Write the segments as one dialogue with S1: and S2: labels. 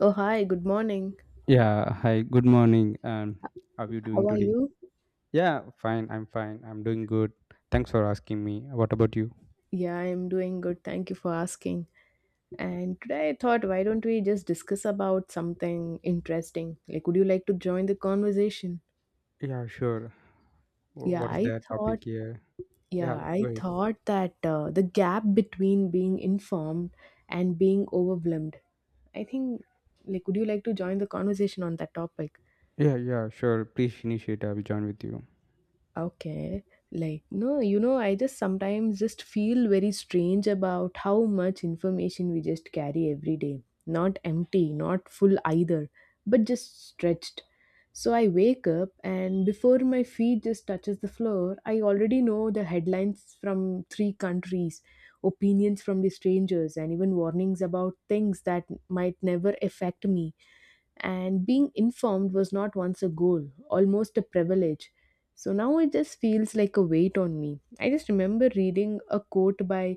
S1: Oh, hi, good morning.
S2: Yeah, hi, good morning. And how are you doing
S1: How are
S2: today?
S1: you?
S2: Yeah, fine. I'm doing good. Thanks for asking me. What about you?
S1: Yeah, I'm doing good. Thank you for asking. And today I thought, why don't we just discuss about something interesting? Like, would you like to join the conversation?
S2: Yeah, sure. Wh-
S1: Yeah,
S2: What is
S1: I
S2: the
S1: thought,
S2: topic here?
S1: yeah,
S2: Yeah,
S1: I
S2: wait.
S1: thought that the gap between being informed and being overwhelmed. I think, like, would you like to join the conversation on that topic?
S2: Yeah, yeah, sure. Please initiate. I will join with you.
S1: Okay. Like, no, I just sometimes just feel very strange about how much information we just carry every day. Not empty, not full either, but just stretched. So I wake up and before my feet just touches the floor, I already know the headlines from three countries, opinions from the strangers and even warnings about things that might never affect me, and being informed was not once a goal, almost a privilege. So now it just feels like a weight on me. I just remember reading a quote by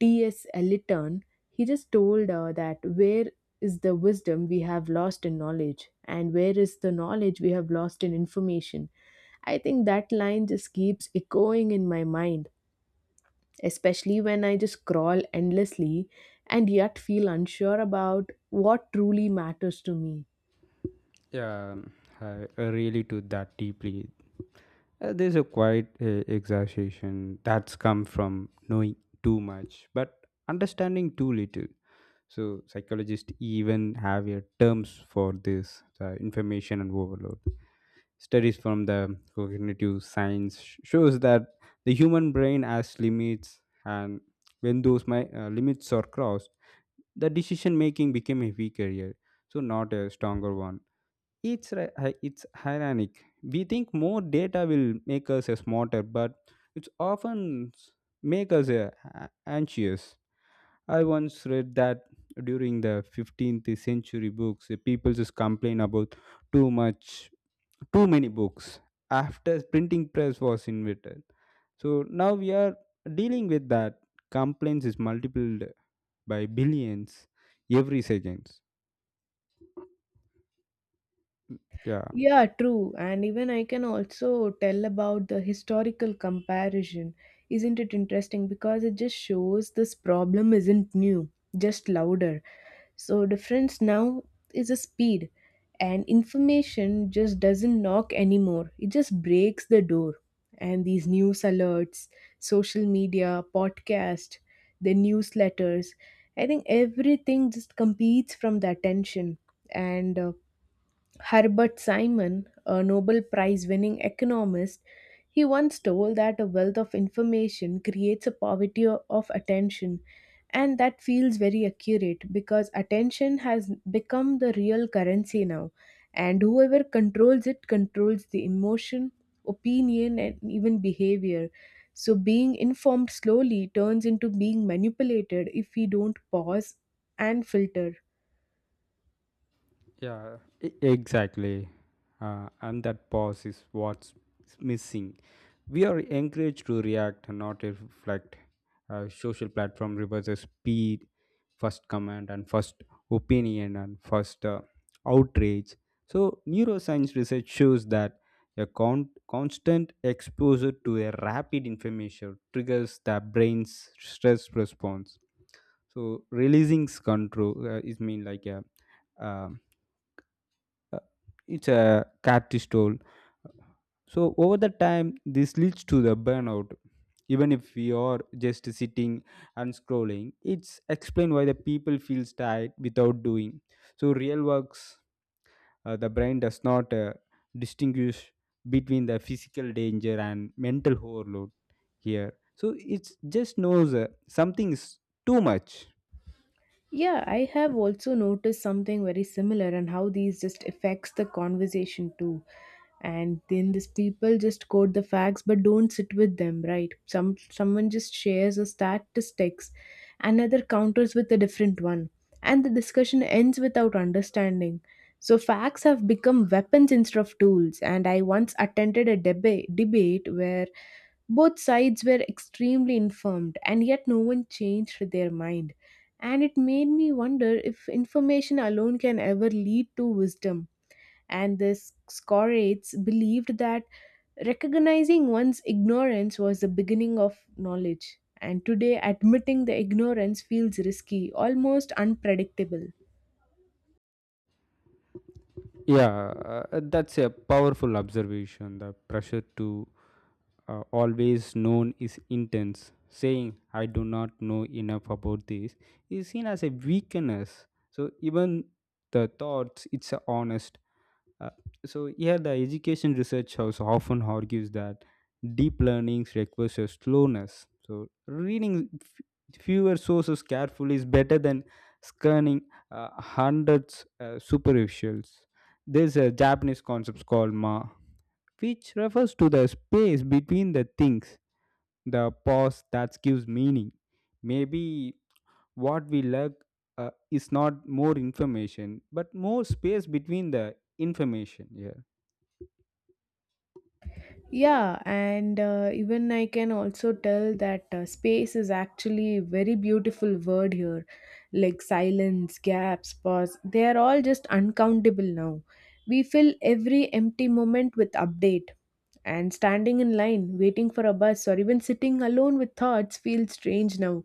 S1: TS Eliton. He just told that where is the wisdom we have lost in knowledge, and where is the knowledge we have lost in information? I think that line just keeps echoing in my mind, especially when I just scroll endlessly and yet feel unsure about what truly matters to me.
S2: Yeah, I really to that deeply. There's a quiet exaggeration that's come from knowing too much, but understanding too little. So psychologists even have a terms for this information and overload. Studies from the cognitive science shows that the human brain has limits, and when those limits are crossed, the decision making became a weaker area, so not a stronger one. It's it's ironic. We think more data will make us a smarter, but it's often make us anxious. I once read that during the 15th century books, the people just complain about too much too many books after printing press was invented. So now we are dealing with that. Complaints is multiplied by billions every seconds. Yeah
S1: Yeah, true. And even I can also tell about the historical comparison. Isn't it interesting? Because it just shows this problem isn't new, just louder. So difference now is a speed, and information just doesn't knock anymore. It just breaks the door. And these news alerts, social media, podcast, the newsletters, I think everything just competes from the attention. And Herbert Simon, a Nobel Prize winning economist, he once told that a wealth of information creates a poverty of attention. And that feels very accurate because attention has become the real currency now. And whoever controls it controls the emotion, opinion, and even behavior. So being informed slowly turns into being manipulated if we don't pause and filter.
S2: yeah, exactly. And that pause is what's missing. We are encouraged to react, not reflect. Social platform reverses speed, first command and first opinion and first outrage. So, neuroscience research shows that a constant exposure to a rapid information triggers the brain's stress response. So, releasing control is mean like a uh, uh, it's a captive toll. So over the time, this leads to the burnout. Even if we are just sitting and scrolling, it's explained why the people feels tired without doing. So real works, the brain does not distinguish between the physical danger and mental overload here. So it just knows something is too much.
S1: Yeah, I have also noticed something very similar and how these just affects the conversation too. And then these people just quote the facts but don't sit with them, right? Someone just shares a statistics, another counters with a different one, and the discussion ends without understanding. So facts have become weapons instead of tools. And I once attended a debate where both sides were extremely informed, and yet no one changed their mind. And it made me wonder if information alone can ever lead to wisdom. And the Scorates believed that recognizing one's ignorance was the beginning of knowledge. And today, admitting the ignorance feels risky, almost unpredictable.
S2: Yeah, that's a powerful observation. The pressure to always known is intense. Saying, I do not know enough about this, is seen as a weakness. So, even the thoughts, it's a honest. Uh, so, here the education research house often argues that deep learning requires a slowness. So, reading fewer sources carefully is better than scanning hundreds superficials. There's a Japanese concept called ma, which refers to the space between the things, the pause that gives meaning. Maybe what we lack is not more information, but more space between the information. Here,
S1: Yeah, and even I can also tell that space is actually a very beautiful word here. Like silence, gaps, pause, they are all just uncountable now. We fill every empty moment with update. And standing in line, waiting for a bus, or even sitting alone with thoughts feels strange now.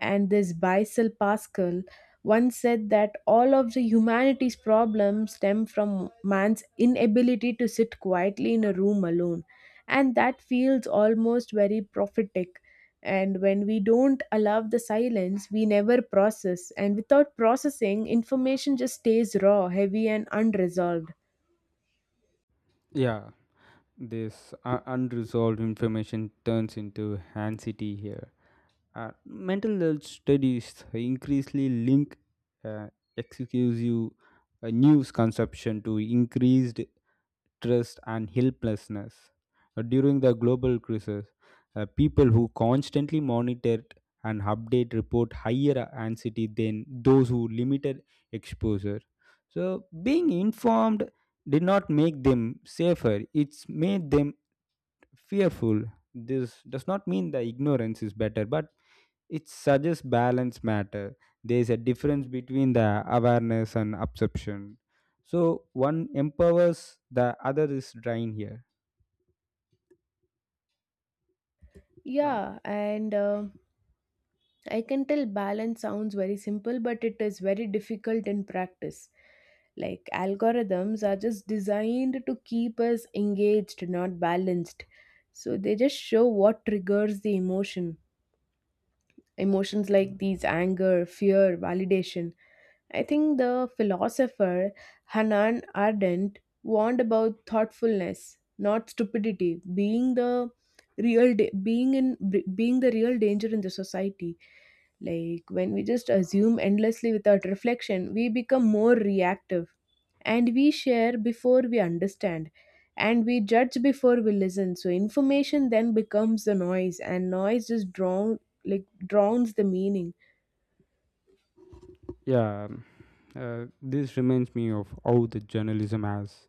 S1: And this Bicel Pascal once said that all of the humanity's problems stem from man's inability to sit quietly in a room alone, and that feels almost very prophetic. And when we don't allow the silence, we never process, and without processing, information just stays raw, heavy and unresolved.
S2: yeah. This unresolved information turns into anxiety here. Mental health studies increasingly link uh, exclusive news consumption to increased stress and helplessness. During the global crisis, people who constantly monitored and update report higher anxiety than those who limited exposure. So, being informed did not make them safer, it's made them fearful. This does not mean the ignorance is better, but it suggests balance matter. There is a difference between the awareness and absorption. So one empowers, the other is drained here. Uh,
S1: Yeah, and I can tell balance sounds very simple but it is very difficult in practice. Like algorithms are just designed to keep us engaged, not balanced. So they just show what triggers the emotion, emotions like these anger, fear, validation. I think the philosopher Hanan Ardent warned about thoughtfulness, not stupidity, being the real da- being in being the real danger in the society. Like when we just assume endlessly without reflection, we become more reactive, and we share before we understand, and we judge before we listen. So information then becomes the noise, and noise just drowns the meaning.
S2: yeah, um, this reminds me of how the journalism has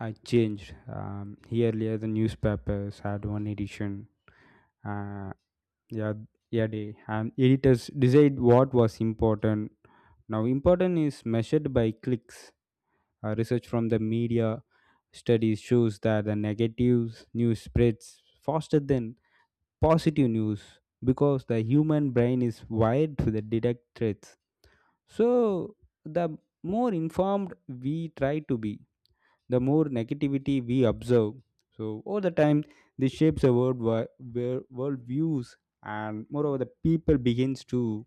S2: changed. Earlier, the newspapers had one edition. Uh, yeah yeah they and editors decide what was important. Now important is measured by clicks. Research from the media studies shows that the negative news spreads faster than positive news because the human brain is wired to the detect threats. So the more informed we try to be, the more negativity we observe. So over the time, this shapes a world where world views, and moreover, the people begins to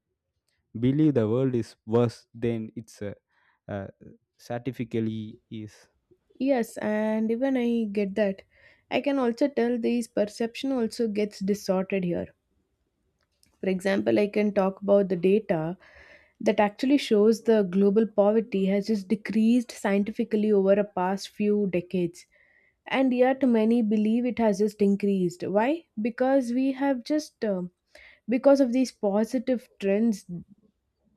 S2: believe the world is worse than it's uh, certifically is.
S1: Yes, and even I get that. I can also tell this perception also gets distorted here. For example, I can talk about the data that actually shows the global poverty has just decreased scientifically over a past few decades, and yet many believe it has just increased. Why? Because we have just because of these positive trends,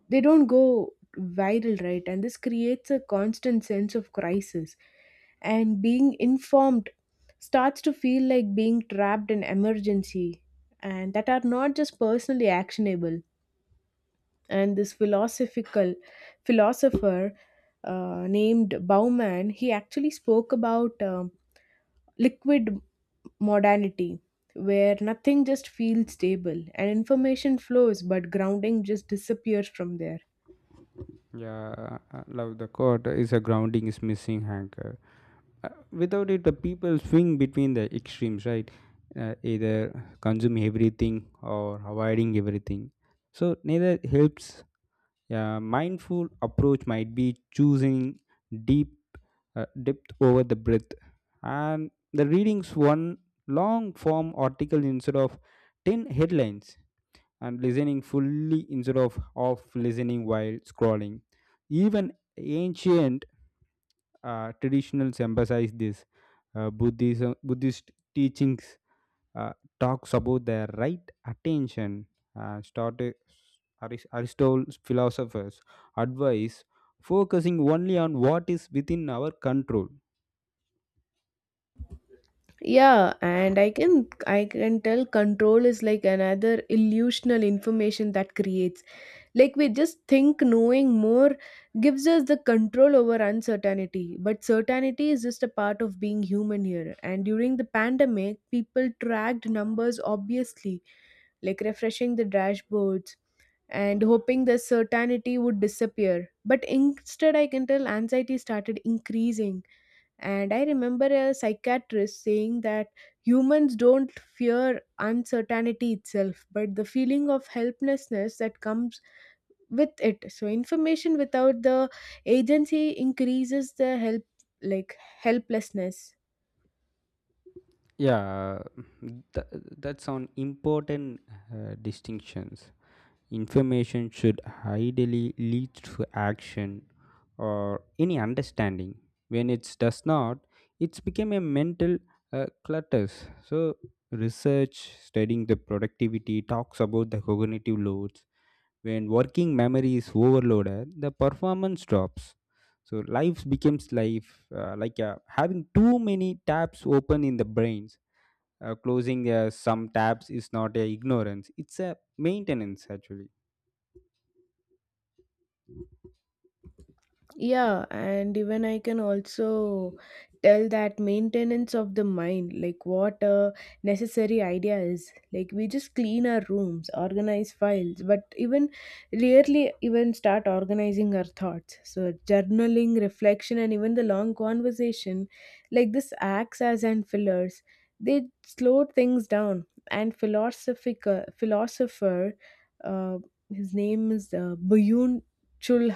S1: they don't go viral, right? And this creates a constant sense of crisis, and being informed starts to feel like being trapped in emergency, and that are not just personally actionable. And this philosophical philosopher named bauman, he actually spoke about liquid modernity, where nothing just feels stable and information flows but grounding just disappears from there.
S2: Yeah, I love the quote. Is a grounding is missing anchor. Without it, the people swing between the extremes, right? Either consume everything or avoiding everything. So neither helps. A mindful approach might be choosing deep depth over the breadth, and the readings one long form article instead of 10 headlines, and listening fully instead of off listening while scrolling. Even ancient traditionals emphasize this. Buddhism, Buddhist teachings uh, talks about the right attention. Started Aristotle's philosophers advise focusing only on what is within our control.
S1: Yeah, and I can tell control is like another illusional information that creates, like we just think knowing more gives us the control over uncertainty, but certainty is just a part of being human here. And during the pandemic, people tracked numbers obviously, like refreshing the dashboards and hoping the certainty would disappear, but instead I can tell anxiety started increasing. And I remember a psychiatrist saying that humans don't fear uncertainty itself, but the feeling of helplessness that comes with it. So information without the agency increases the helplessness.
S2: Yeah, th- that's on important distinctions. Information should ideally lead to action or any understanding. When it does not, it's become a mental clutters. So research studying the productivity talks about the cognitive loads. When working memory is overloaded, the performance drops. So life becomes life like having too many tabs open in the brains. Closing some tabs is not a ignorance; it's a maintenance actually.
S1: Yeah, and even I can also tell that maintenance of the mind, like what a necessary idea is. Like we just clean our rooms, organize files, but even rarely even start organizing our thoughts. So journaling, reflection, and even the long conversation, like this acts as and fillers. They slow things down. And philosophical philosopher, uh, his name is Byung Chul,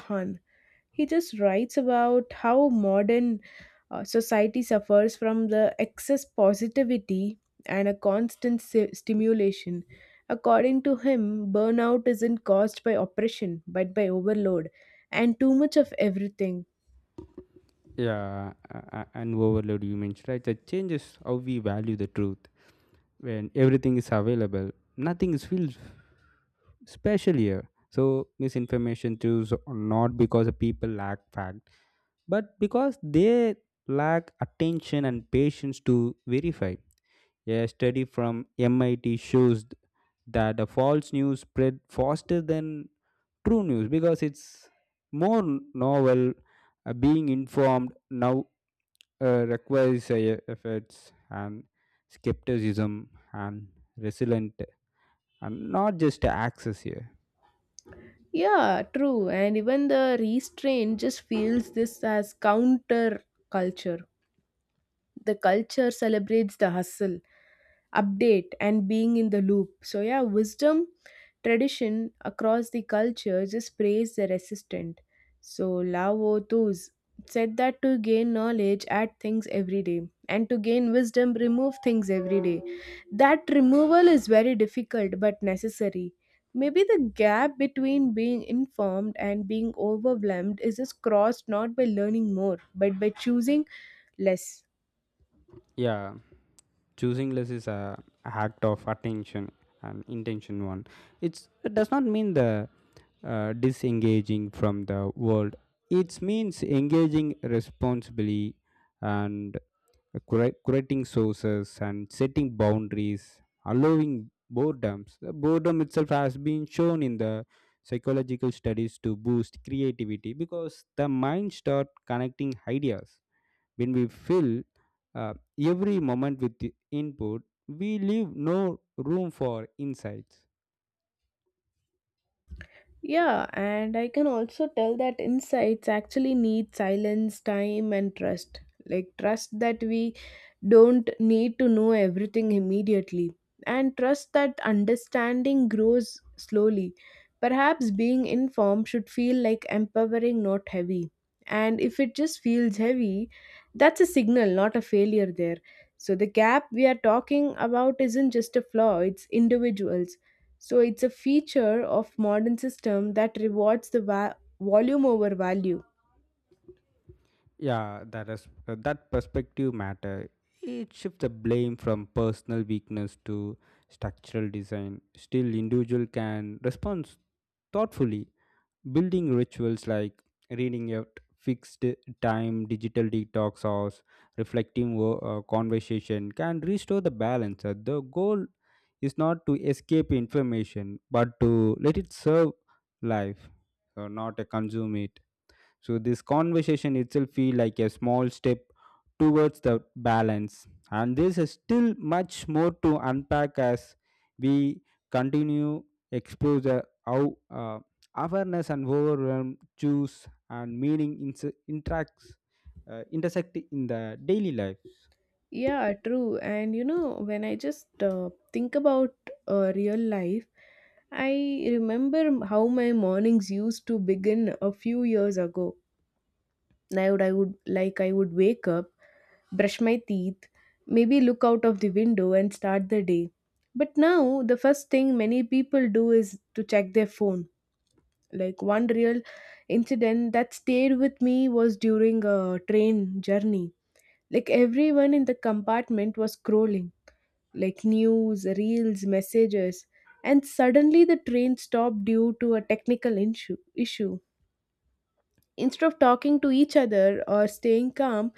S1: he just writes about how modern society suffers from the excess positivity and a stimulation. According to him, burnout isn't caused by oppression but by overload and too much of everything.
S2: Yeah, and overload you mentioned, right? That changes how we value the truth. When everything is available, nothing is feels special here. So misinformation choose not because the people lack fact, but because they lack attention and patience to verify. A study from MIT shows that the false news spread faster than true news because it's more novel. Being informed now requires efforts and skepticism and resilient, and not just access here.
S1: Yeah, true. And even the restraint just feels this as counter culture. The culture celebrates the hustle, update, and being in the loop. So, yeah, wisdom tradition across the cultures just praise the resistant. So, Lao Tzu said that to gain knowledge, add things every day, and to gain wisdom, remove things every day. That removal is very difficult but necessary. Maybe the gap between being informed and being overwhelmed is just crossed not by learning more, but by choosing less.
S2: Yeah, choosing less is a act of attention and intention one. It does not mean the disengaging from the world. It means engaging responsibly and creating sources and setting boundaries, allowing boredoms. The boredom itself has been shown in the psychological studies to boost creativity because the mind start connecting ideas. When we fill uh, every moment with the input, we leave no room for insights.
S1: Yeah, and I can also tell that insights actually need silence, time, and trust. Like, trust that we don't need to know everything immediately, and trust that understanding grows slowly. Perhaps being informed should feel like empowering, not heavy. And if it just feels heavy, that's a signal, not a failure there. So, the gap we are talking about isn't just a flaw, it's individuals, so it's a feature of modern system that rewards the volume over value.
S2: Yeah, that is that perspective matter. It shifts the blame from personal weakness to structural design. Still, individual can respond thoughtfully, building rituals like reading at fixed time, digital detox, or reflecting conversation can restore the balance. The goal is not to escape information, but to let it serve life, so not to consume it. So this conversation itself feel like a small step towards the balance. And this is still much more to unpack as we continue explore the how awareness and overwhelm choose and meaning interacts intersect in the daily life.
S1: Yeah, true. And you know, when I just think about real life, I remember how my mornings used to begin a few years ago. I would wake up, brush my teeth, maybe look out of the window and start the day. But now the first thing many people do is to check their phone. Like one real incident that stayed with me was during a train journey. Like everyone in the compartment was scrolling, like news, reels, messages, and suddenly the train stopped due to a technical issue. Instead of talking to each other or staying calm,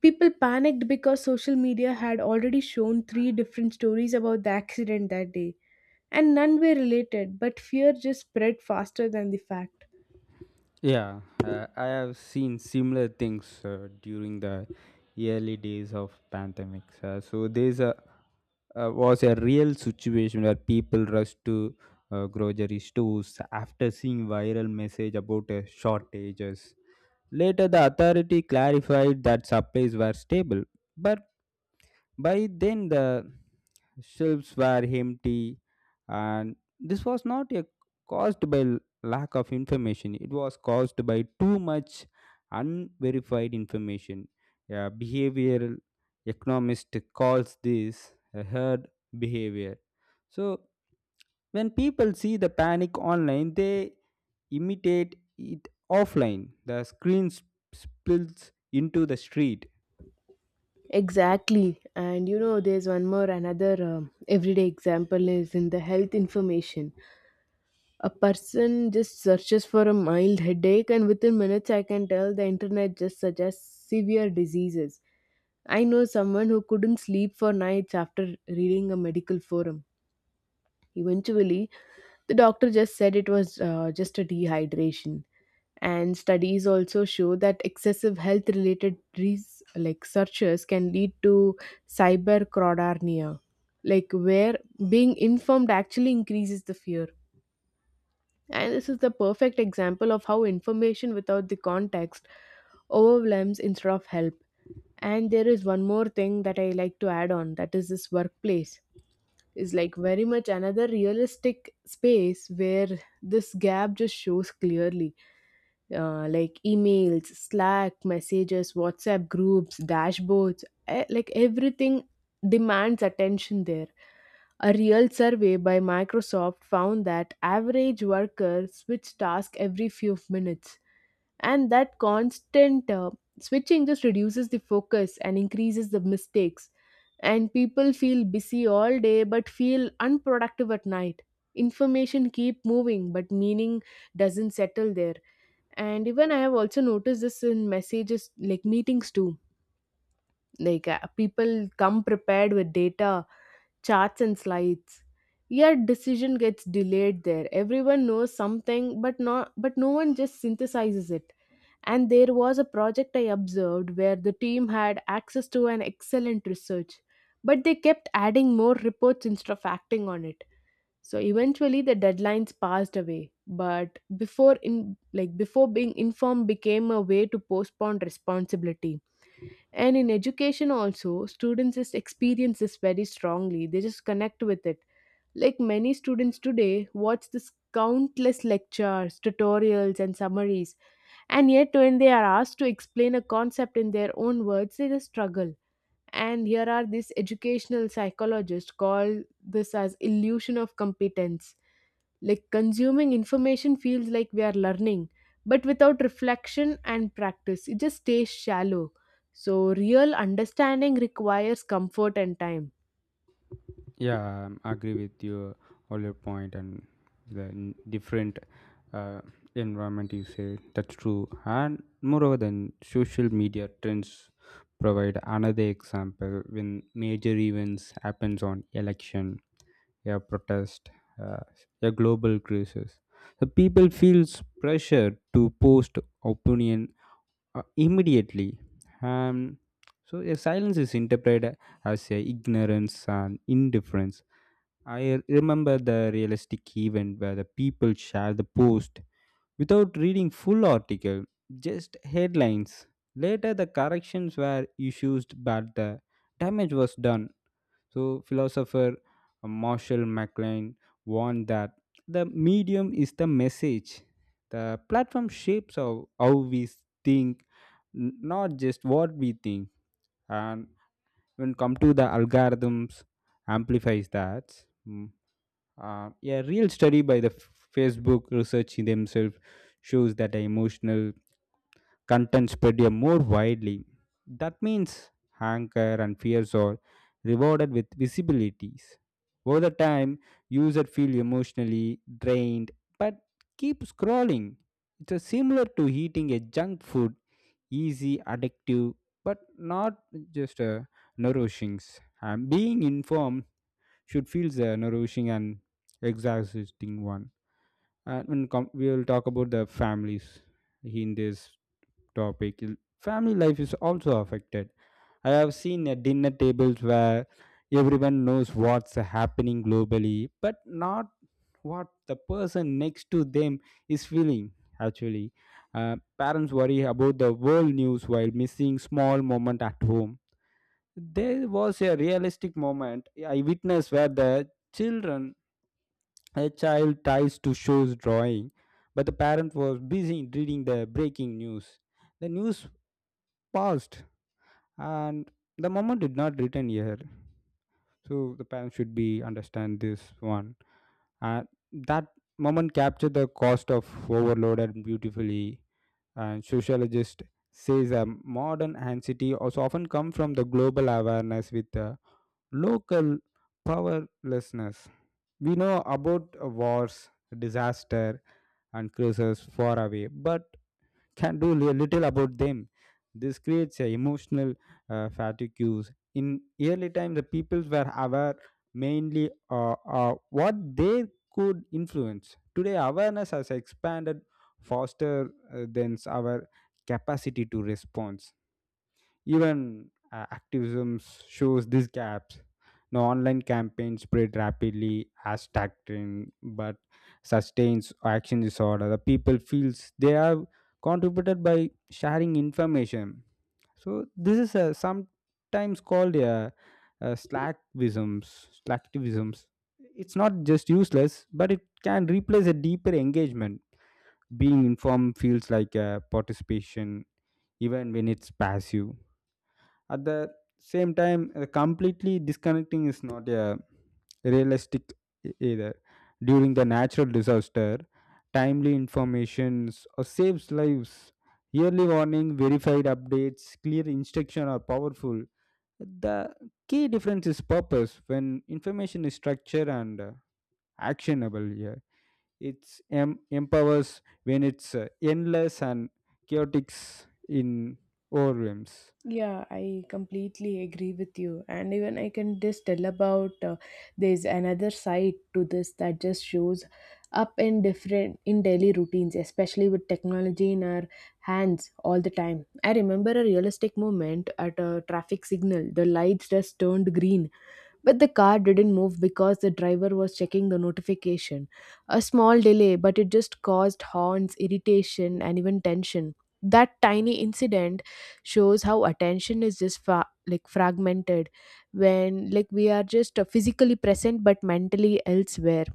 S1: people panicked because social media had already shown three different stories about the accident that day, and none were related, but fear just spread faster than the fact.
S2: Yeah, I have seen similar things during the early days of pandemics. So there's a was a real situation where people rushed to grocery stores after seeing viral message about shortages. Later, the authority clarified that supplies were stable, but by then, the shelves were empty, and this was not a caused by lack of information. It was caused by too much unverified information. A behavioral economist calls this a herd behavior. So, when people see the panic online, they imitate it offline. The screen spills into the street.
S1: Exactly. And you know, there's one more another everyday example is in the health information. A person just searches for a mild headache, and within minutes, I can tell the internet just suggests severe diseases. I know someone who couldn't sleep for nights after reading a medical forum. Eventually, the doctor just said it was just a dehydration. And studies also show that excessive health related searches can lead to cybercrodarnia, like where being informed actually increases the fear. And this is the perfect example of how information without the context overwhelms instead of help. And there is one more thing that I like to add on, that is this workplace is like very much another realistic space where this gap just shows clearly. Like emails, Slack, messages, WhatsApp groups, dashboards, eh, like everything demands attention there. A real survey by Microsoft found that average workers switch tasks every few minutes, and that constant switching just reduces the focus and increases the mistakes. And people feel busy all day but feel unproductive at night. Information keep moving, but meaning doesn't settle there. And even I have also noticed this in messages like meetings too. Like people come prepared with data, charts and slides, yet decision gets delayed there. Everyone knows something, but no one just synthesizes it. And there was a project I observed where the team had access to an excellent research, but they kept adding more reports instead of acting on it. So eventually the deadlines passed away, but before in like before being informed became a way to postpone responsibility. And in education also, students just experience this very strongly. They just connect with it. Like many students today watch this countless lectures, tutorials and summaries. And yet when they are asked to explain a concept in their own words, they just struggle. And here are these educational psychologists call this as illusion of competence. Like consuming information feels like we are learning, but without reflection and practice, it just stays shallow. So, real understanding requires comfort and time.
S2: Yeah, I agree with your all your point and the different uh, environment you say. That's true. And moreover, than social media trends provide another example when major events happens on election, yeah, protest, uh, yeah, global crisis. The people feels pressure to post opinion immediately. um, so yeah, silence is interpreted as a ignorance and indifference. I remember the realistic event where the people share the post without reading full article, just headlines. Later the corrections were issued, but the damage was done. So, philosopher Marshall McLuhan warned that the medium is the message. The platform shapes how we think, not just what we think. And when come to the algorithms, amplifies that. Mm. A real study by the Facebook research in themselves shows that the emotional content spread a more widely. That means anger and fears are rewarded with visibilities. Over the time, users feel emotionally drained but keep scrolling. It's a similar to eating a junk food, easy, addictive, but not just a nourishing. And being informed should feel the nourishing and exhausting one. And when we will talk about the families in this topic, family life is also affected. I have seen at dinner tables where everyone knows what's happening globally, but not what the person next to them is feeling. Actually, parents worry about the world news while missing small moment at home. There was a realistic moment I witnessed where the children, a child tries to shows drawing, but the parent was busy reading the breaking news. The news passed and the moment did not return here. So the parents should be understand this one. And that moment captured the cost of overloaded beautifully. And sociologist says a modern anxiety also often come from the global awareness with the local powerlessness. We know about wars, disaster, and crises far away, but can do little about them. This creates a emotional fatigues. In early time, the peoples were aware mainly what they could influence. Today, awareness has expanded faster than our capacity to respond. Even activism shows these gaps. Now, online campaigns spread rapidly as doctrine, but sustains action disorder. The people feels they have contributed by sharing information. So this is a, sometimes called a slacktivisms. Slacktivisms. It's not just useless, but it can replace a deeper engagement. Being informed feels like a participation, even when it's passive at the same time. Completely disconnecting is not a realistic either. During the natural disaster, timely informations or saves lives. Yearly warning, verified updates, clear instruction are powerful. The key difference is purpose. When information is structured and actionable here, it's empowers. When it's endless and chaotic in overwhelms.
S1: Yeah, I completely agree with you. And even I can just tell about there's another side to this that just shows up in different in daily routines, especially with technology in our hands all the time. I remember a realistic moment at a traffic signal. The lights just turned green, but the car didn't move because the driver was checking the notification. A small delay, but it just caused horns, irritation, and even tension. That tiny incident shows how attention is just like fragmented when like we are just physically present but mentally elsewhere.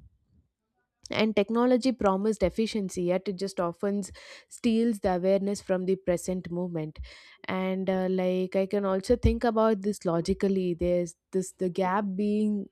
S1: And technology promised efficiency, yet it just often steals the awareness from the present moment. And like I can also think about this logically. There's this the gap being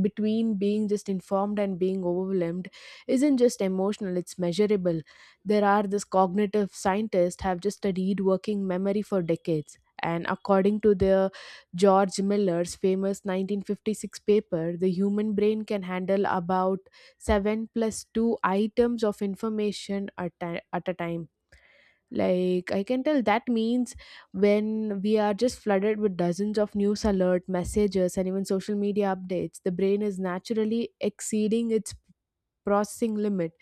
S1: between being just informed and being overwhelmed isn't just emotional, it's measurable. There are this cognitive scientists have just studied working memory for decades, and according to the George Miller's famous 1956 paper, the human brain can handle about 7 plus 2 items of information at a time. Like I can tell that means when we are just flooded with dozens of news alert messages and even social media updates, the brain is naturally exceeding its processing limit.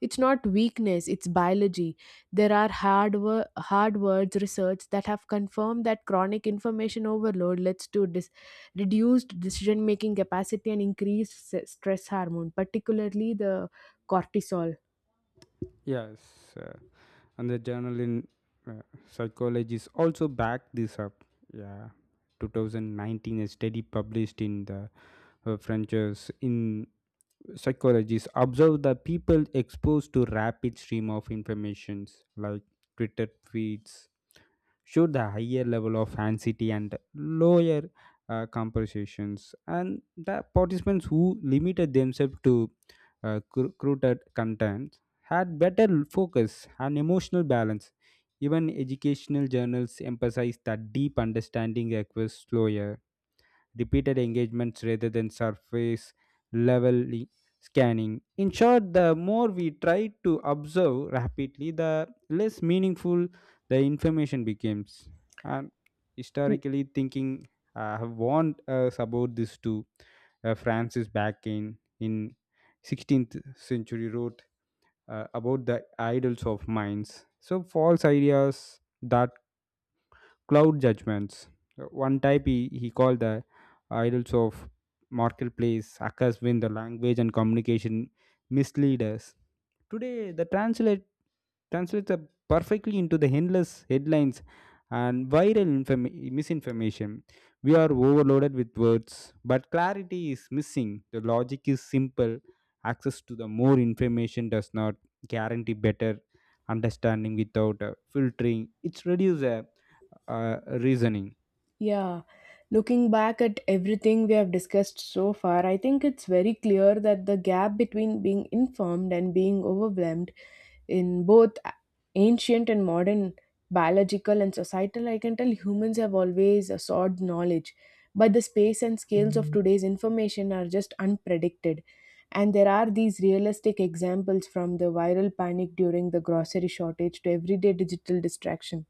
S1: It's not weakness, it's biology. There are hard words research that have confirmed that chronic information overload leads to reduced decision making capacity and increased stress hormone, particularly the cortisol.
S2: Yes, and the journal in uh, psychology is also backed this up. Yeah, 2019, a study published in the frontiers in psychologists observe that people exposed to rapid stream of informations like twitter feeds show the higher level of anxiety and lower compensations, and the participants who limited themselves to curated content had better focus and emotional balance. Even educational journals emphasize that deep understanding requires slower repeated engagements rather than surface level scanning. In short, the more we try to observe rapidly, the less meaningful the information becomes. And historically, thinking have warned us about this too. Francis Bacon in 16th century wrote about the idols of minds. So false ideas that cloud judgments. One type he called the idols of marketplace, hackers win the language and communication misleaders. Today, the translates are perfectly into the endless headlines and viral misinformation. We are overloaded with words, but clarity is missing. The logic is simple. Access to the more information does not guarantee better understanding without filtering. It's reduce uh, reasoning.
S1: Yeah, looking back at everything we have discussed so far, I think it's very clear that the gap between being informed and being overwhelmed in both ancient and modern, biological and societal, I can tell humans have always sought knowledge, but the space and scales of Mhm. today's information are just unpredicted. And there are these realistic examples from the viral panic during the grocery shortage to everyday digital distraction.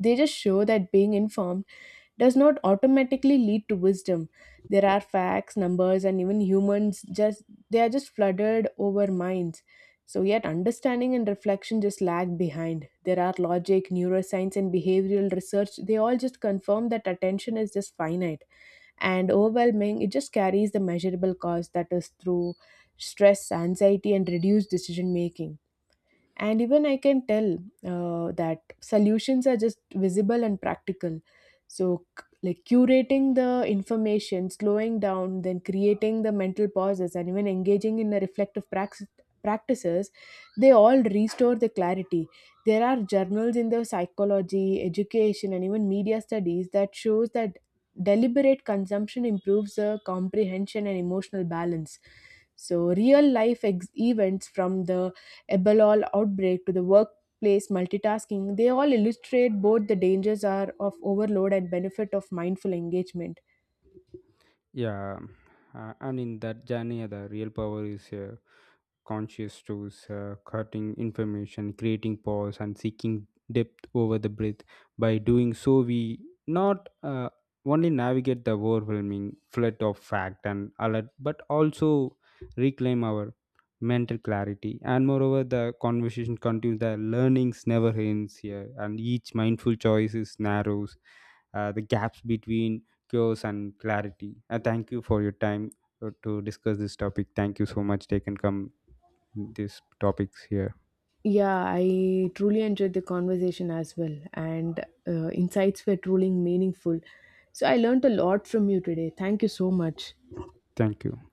S1: They just show that being informed does not automatically lead to wisdom. There are facts, numbers, and even humans just they are just flooded over minds. So yet understanding and reflection just lag behind. There are logic, neuroscience, and behavioral research. They all just confirm that attention is just finite and overwhelming. It just carries the measurable cost that is through stress, anxiety, and reduced decision making. And even I can tell that solutions are just visible and practical. So like curating the information, slowing down, then creating the mental pauses, and even engaging in the reflective practices they all restore the clarity. There are journals in the psychology, education and even media studies that shows that deliberate consumption improves the comprehension and emotional balance. So real life events from the Ebola outbreak to the workplace multitasking, they all illustrate both the dangers are of overload and benefit of mindful engagement.
S2: Yeah, and in that journey, the real power is conscious choice, cutting information, creating pause, and seeking depth over the breath. By doing so, we not only navigate the overwhelming flood of fact and alert, but also reclaim our mental clarity. And moreover, the conversation continues. The learnings never ends here, and each mindful choice is narrows the gaps between cures and clarity. Thank you for your time to discuss this topic. Thank you so much. They can come these topics here.
S1: Yeah, I truly enjoyed the conversation as well, and insights were truly meaningful. So I learned a lot from you today. Thank you so much.
S2: Thank you.